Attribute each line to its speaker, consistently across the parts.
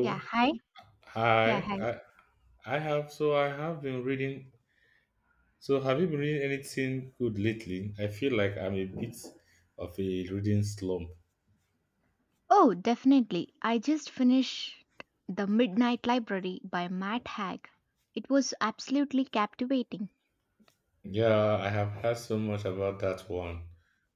Speaker 1: Yeah, hi. Yeah,
Speaker 2: I
Speaker 1: hi.
Speaker 2: I I have I have been reading. So have you been reading anything good lately? I feel like I'm a bit of a reading slump.
Speaker 1: Oh, definitely. I just finished The Midnight Library by Matt Haig. It was absolutely captivating.
Speaker 2: Yeah, I have heard so much about that one.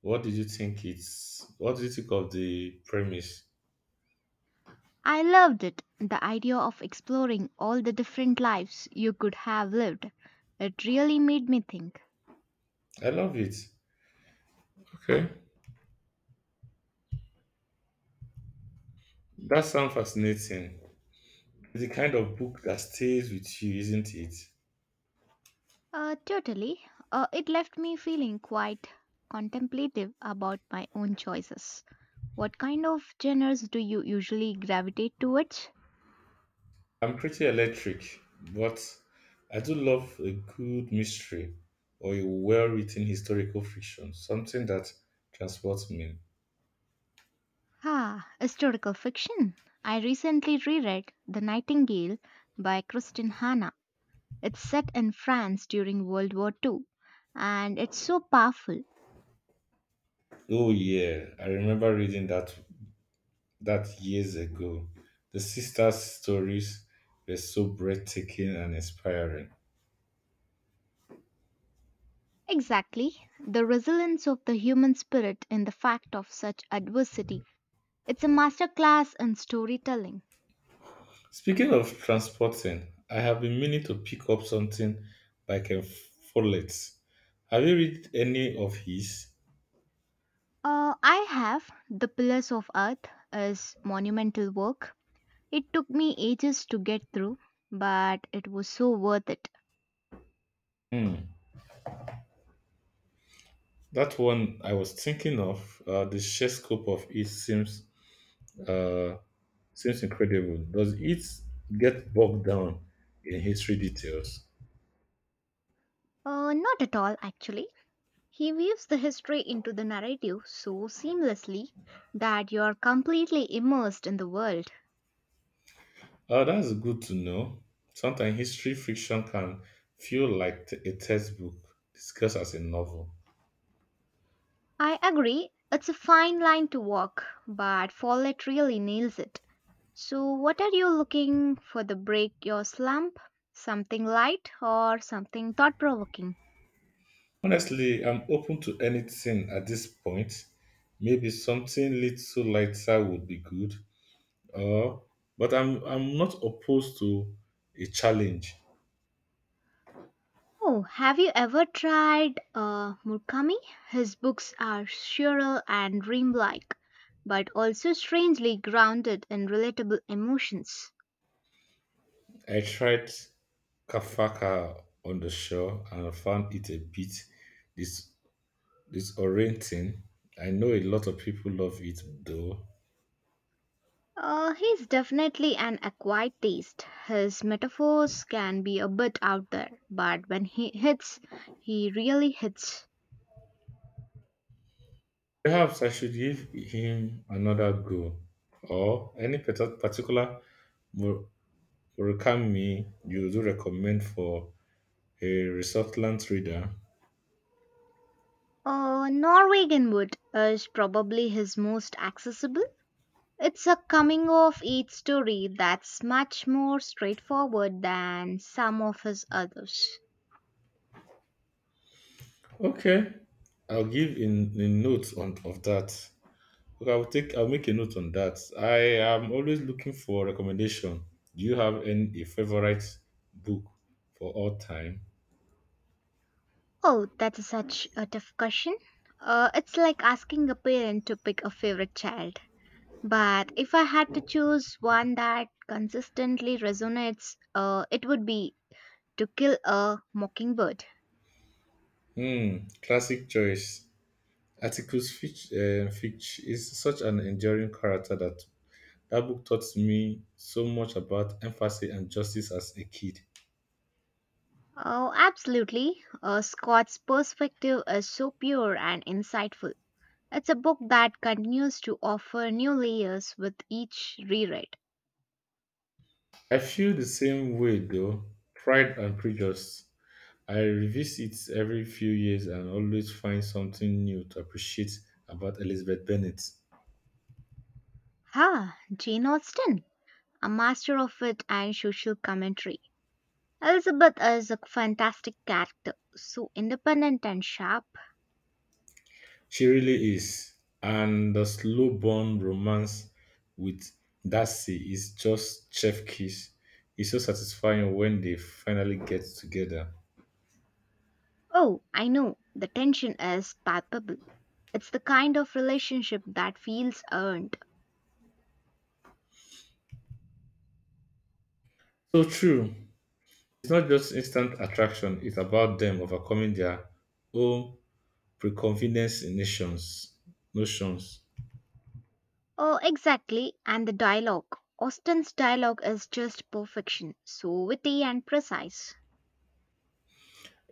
Speaker 2: What did you think it's what did you think of the premise?
Speaker 1: I loved it. The idea of exploring all the different lives you could have lived. It really made me think.
Speaker 2: I love it. Okay. That sounds fascinating. It's the kind of book that stays with you, isn't it?
Speaker 1: Totally. It left me feeling quite contemplative about my own choices. What kind of genres do you usually gravitate towards?
Speaker 2: I'm pretty electric, but I do love a good mystery or a well-written historical fiction, something that transports me.
Speaker 1: Ah, historical fiction. I recently reread The Nightingale by Kristin Hanna. It's set in France during World War II, and it's so powerful.
Speaker 2: Oh yeah, I remember reading that years ago. The sisters' stories were so breathtaking and inspiring.
Speaker 1: Exactly, the resilience of the human spirit in the fact of such adversity. It's a masterclass in storytelling.
Speaker 2: Speaking of transporting, I have been meaning to pick up something by Ken Follett. Have you read any of his?
Speaker 1: I have The Pillars of Earth is monumental work. It took me ages to get through, but it was so worth it.
Speaker 2: Hmm. That one I was thinking of. The sheer scope of it seems uh, seems incredible. Does it get bogged down in history details?
Speaker 1: Not at all, actually. He weaves the history into the narrative so seamlessly that you're completely immersed in the world.
Speaker 2: That's good to know. Sometimes history fiction can feel like a textbook discussed as a novel.
Speaker 1: I agree, it's a fine line to walk, but Follett really nails it. So, what are you looking for the break your slump? Something light or something thought provoking?
Speaker 2: Honestly, I'm open to anything at this point. Maybe something little lighter would be good. Uh, but I'm not opposed to a challenge.
Speaker 1: Oh, have you ever tried Murakami? His books are surreal and dreamlike, but also strangely grounded in relatable emotions.
Speaker 2: I tried kafaka on the shore and found it a bit dis- disorienting. I know a lot of people love it though.
Speaker 1: He's definitely an acquired taste. His metaphors can be a bit out there, but when he hits, he really hits.
Speaker 2: Perhaps I should give him another go. Or any particular Mur- Murakami you do recommend for a reluctant reader?
Speaker 1: Norwegian Wood is probably his most accessible. It's a coming of age story that's much more straightforward than some of his others.
Speaker 2: Okay, I'll give in a note on of that. Okay, I'll make a note on that. I am always looking for recommendation. Do you have any a favorite book for all time?
Speaker 1: Oh, that is such a tough question. It's like asking a parent to pick a favorite child. But if I had to choose one that consistently resonates, it would be To Kill a Mockingbird.
Speaker 2: Hmm, classic choice. Atticus Fitch, Fitch is such an enduring character that book taught me so much about empathy and justice as a kid.
Speaker 1: Oh, absolutely. Scott's perspective is so pure and insightful. It's a book that continues to offer new layers with each reread.
Speaker 2: I feel the same way though. Pride and Prejudice. I revisit it every few years and always find something new to appreciate about Elizabeth Bennet.
Speaker 1: Ha, Jane Austen, a master of wit and social commentary. Elizabeth is a fantastic character, so independent and sharp.
Speaker 2: She really is. And the slow burn romance with Darcy is just chef kiss. It's so satisfying when they finally get together.
Speaker 1: Oh, I know. The tension is palpable. It's the kind of relationship that feels earned.
Speaker 2: So true. It's not just instant attraction, it's about them overcoming their own preconceived notions. notions.
Speaker 1: Oh, exactly. And the dialogue. Austen's dialogue is just perfection, so witty and precise.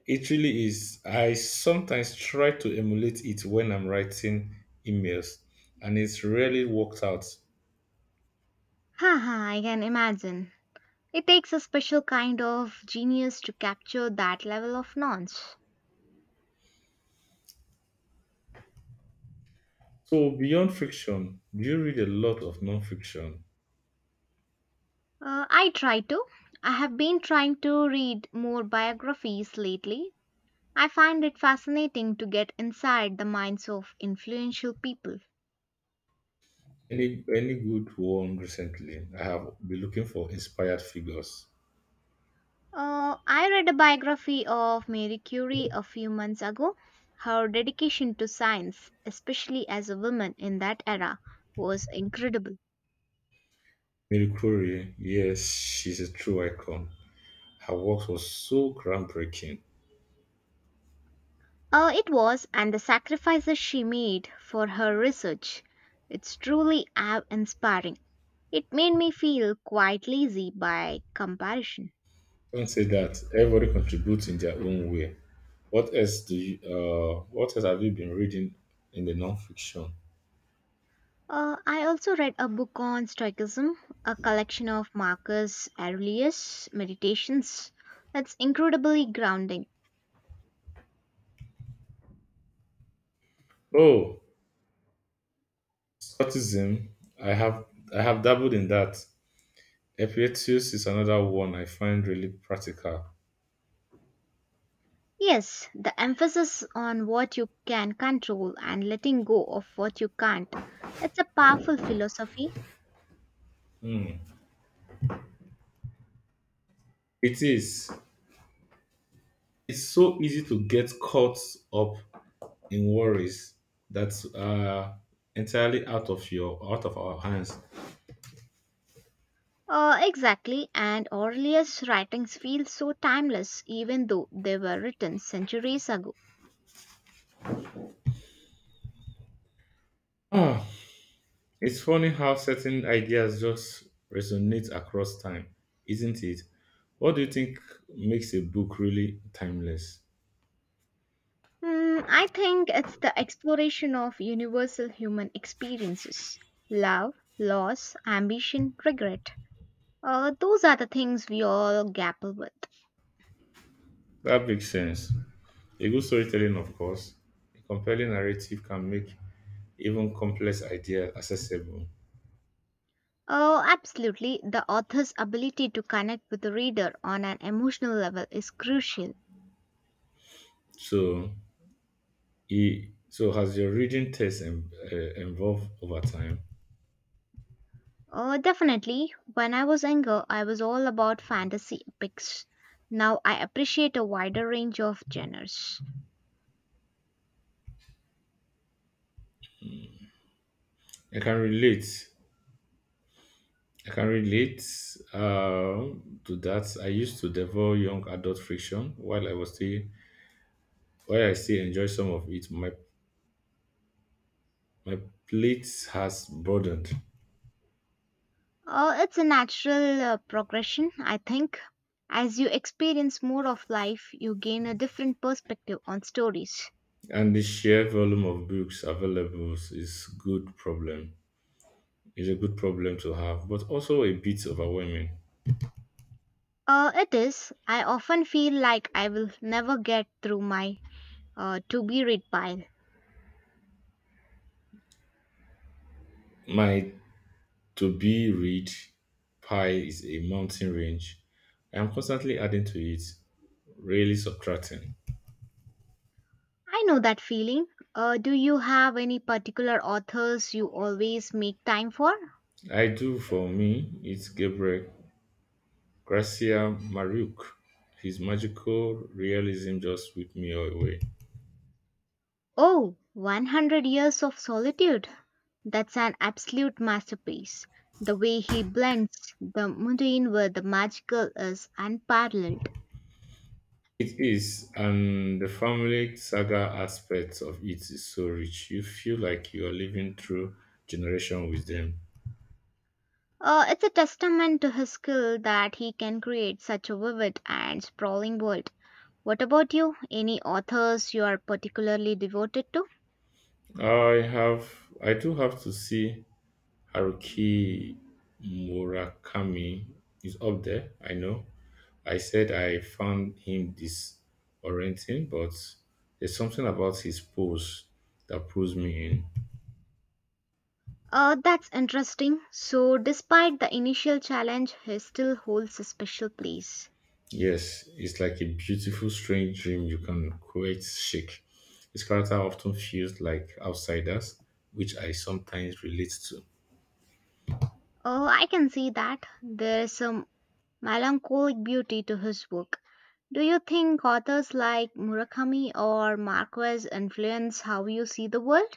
Speaker 2: It really is. I sometimes try to emulate it when I'm writing emails, and it's rarely worked out.
Speaker 1: Haha, I can imagine. It takes a special kind of genius to capture that level of nuance.
Speaker 2: So beyond fiction, do you read a lot of non-fiction?
Speaker 1: I try to. I have been trying to read more biographies lately. I find it fascinating to get inside the minds of influential people.
Speaker 2: Any good one recently? I have been looking for inspired figures.
Speaker 1: I read a biography of Marie Curie a few months ago. Her dedication to science, especially as a woman in that era, was incredible.
Speaker 2: Mary Curie, yes, she's a true icon. Her work was so groundbreaking.
Speaker 1: It was, and the sacrifices she made for her research, it's truly awe inspiring. It made me feel quite lazy by comparison.
Speaker 2: Don't say that. Everybody contributes in their own way. What else do you? What else have you been reading in the non-fiction?
Speaker 1: I also read a book on Stoicism, a collection of Marcus Aurelius' meditations. It's incredibly grounding.
Speaker 2: Oh, Stoicism. I have I have dabbled in that. Epictetus is another one I find really practical.
Speaker 1: Yes, the emphasis on what you can control and letting go of what you can't. It's a powerful philosophy.
Speaker 2: Hmm. It is. It's so easy to get caught up in worries that are entirely out of our hands.
Speaker 1: Exactly, and earliest writings feel so timeless even though they were written centuries ago.
Speaker 2: Ah, it's funny how certain ideas just resonate across time, isn't it? What do you think makes a book really timeless?
Speaker 1: Hmm, I think it's the exploration of universal human experiences love, loss, ambition, regret. Those are the things we all grapple with.
Speaker 2: That makes sense. A good storytelling, of course. A compelling narrative can make even complex ideas accessible.
Speaker 1: Oh, absolutely. The author's ability to connect with the reader on an emotional level is crucial.
Speaker 2: So E. So has your reading test evolved over time?
Speaker 1: Oh, definitely. When I was younger, I was all about fantasy epics. Now I appreciate a wider range of genres.
Speaker 2: I can relate. I can relate to that. I used to devour young adult friction while I was still while I still enjoy some of it. My plate has broadened,
Speaker 1: Oh, it's a natural progression, I think. As you experience more of life, you gain a different perspective on stories.
Speaker 2: and the sheer volume of books available is good problem. Is a good problem to have, but also a bit overwhelming.
Speaker 1: It is. I often feel like I will never get through my to be read pile.
Speaker 2: My To be Ridge Pi is a mountain range. I am constantly adding to it, rarely subtracting.
Speaker 1: I know that feeling. Do you have any particular authors you always make time for?
Speaker 2: I do for me, it's Gabriel Garcia Maruk. His magical realism just whipped me away.
Speaker 1: Oh, 100 Years of Solitude. That's an absolute masterpiece. The way he blends the mundane with the magical is unparalleled.
Speaker 2: It is, and the family saga aspect of it is so rich. You feel like you are living through generation with them.
Speaker 1: It's a testament to his skill that he can create such a vivid and sprawling world. What about you? Any authors you are particularly devoted to?
Speaker 2: I have, I do have to see Haruki Murakami is up there. I know. I said I found him disorienting, but there's something about his pose that pulls me in.
Speaker 1: That's interesting. So, despite the initial challenge, he still holds a special place.
Speaker 2: Yes, it's like a beautiful, strange dream you can quite shake. His character often feels like outsiders, which I sometimes relate to. I
Speaker 1: Oh, I can see that. There's some melancholic beauty to his work. Do you think authors like Murakami or Marquez influence how you see the world?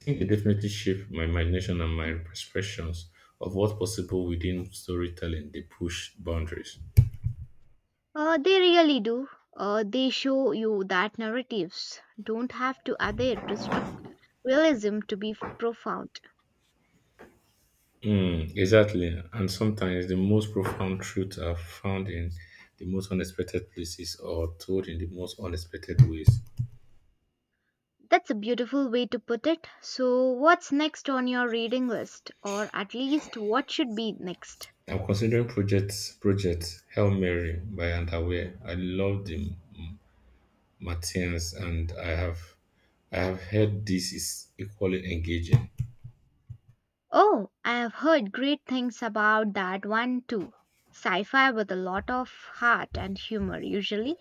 Speaker 2: think they definitely shape my imagination and my perceptions of what's possible within storytelling. They push boundaries.
Speaker 1: They really do. They show you that narratives don't have to adhere to strict realism to be profound.
Speaker 2: Mm, exactly. And sometimes the most profound truths are found in the most unexpected places or told in the most unexpected ways.
Speaker 1: That's a beautiful way to put it. So, what's next on your reading list, or at least what should be next?
Speaker 2: I'm considering project Hail Mary by Underwear. I love the Martins and I have heard this is equally engaging.
Speaker 1: Oh, I have heard great things about that one too. Sci fi with a lot of heart and humor, usually.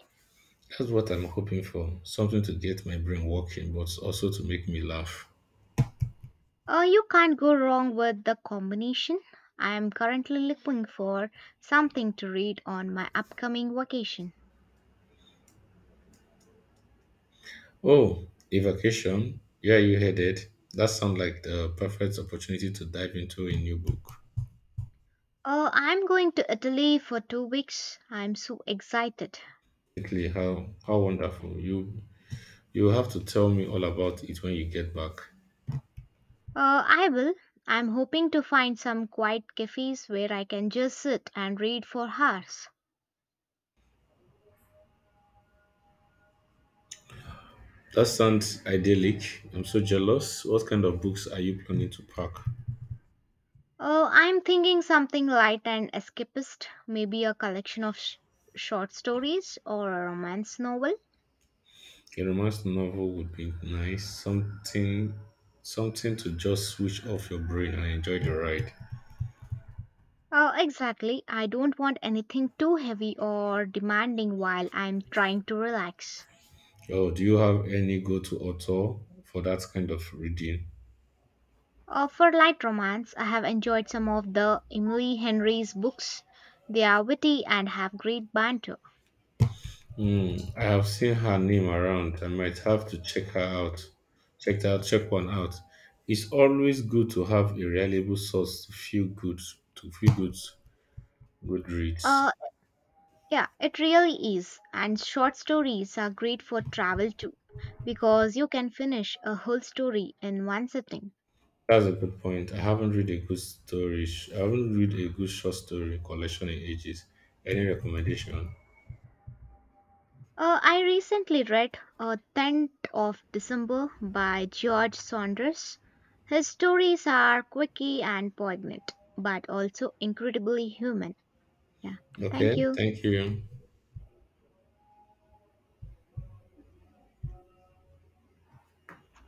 Speaker 2: That's what I'm hoping for. Something to get my brain working, but also to make me laugh.
Speaker 1: You can't go wrong with the combination. I am currently looking for something to read on my upcoming vacation.
Speaker 2: Oh, a vacation? Where are you headed? That sounds like the perfect opportunity to dive into a new book.
Speaker 1: Oh, I'm going to Italy for 2 weeks. I'm so excited.
Speaker 2: Absolutely, how wonderful. You have to tell me all about it when you get back.
Speaker 1: I will. I'm hoping to find some quiet cafes where I can just sit and read for hours.
Speaker 2: That sounds idyllic. I'm so jealous. What kind of books are you planning to pack?
Speaker 1: Oh, I'm thinking something light and escapist, maybe a collection of short stories or a romance novel.
Speaker 2: A romance novel would be nice. Something to just switch off your brain and enjoy the ride.
Speaker 1: Oh, exactly. I don't want anything too heavy or demanding while I'm trying to relax.
Speaker 2: Oh, do you have any go-to author for that kind of reading?
Speaker 1: For light romance, I have enjoyed some of the Emily Henry's books. They are witty and have great banter.
Speaker 2: Hmm, I have seen her name around. I might have to check her out. Check one out. It's always good to have a reliable source to feel good, good
Speaker 1: Uh,
Speaker 2: reads.
Speaker 1: Yeah it really is. And short stories are great for travel too, because you can finish a whole story in one sitting.
Speaker 2: That's a good point. I haven't read a good short story collection in ages. Any recommendation?
Speaker 1: I recently read 10th of December by George Saunders. His stories are quirky and poignant, but also incredibly human. Yeah, thank
Speaker 2: Okay,
Speaker 1: you.
Speaker 2: thank you.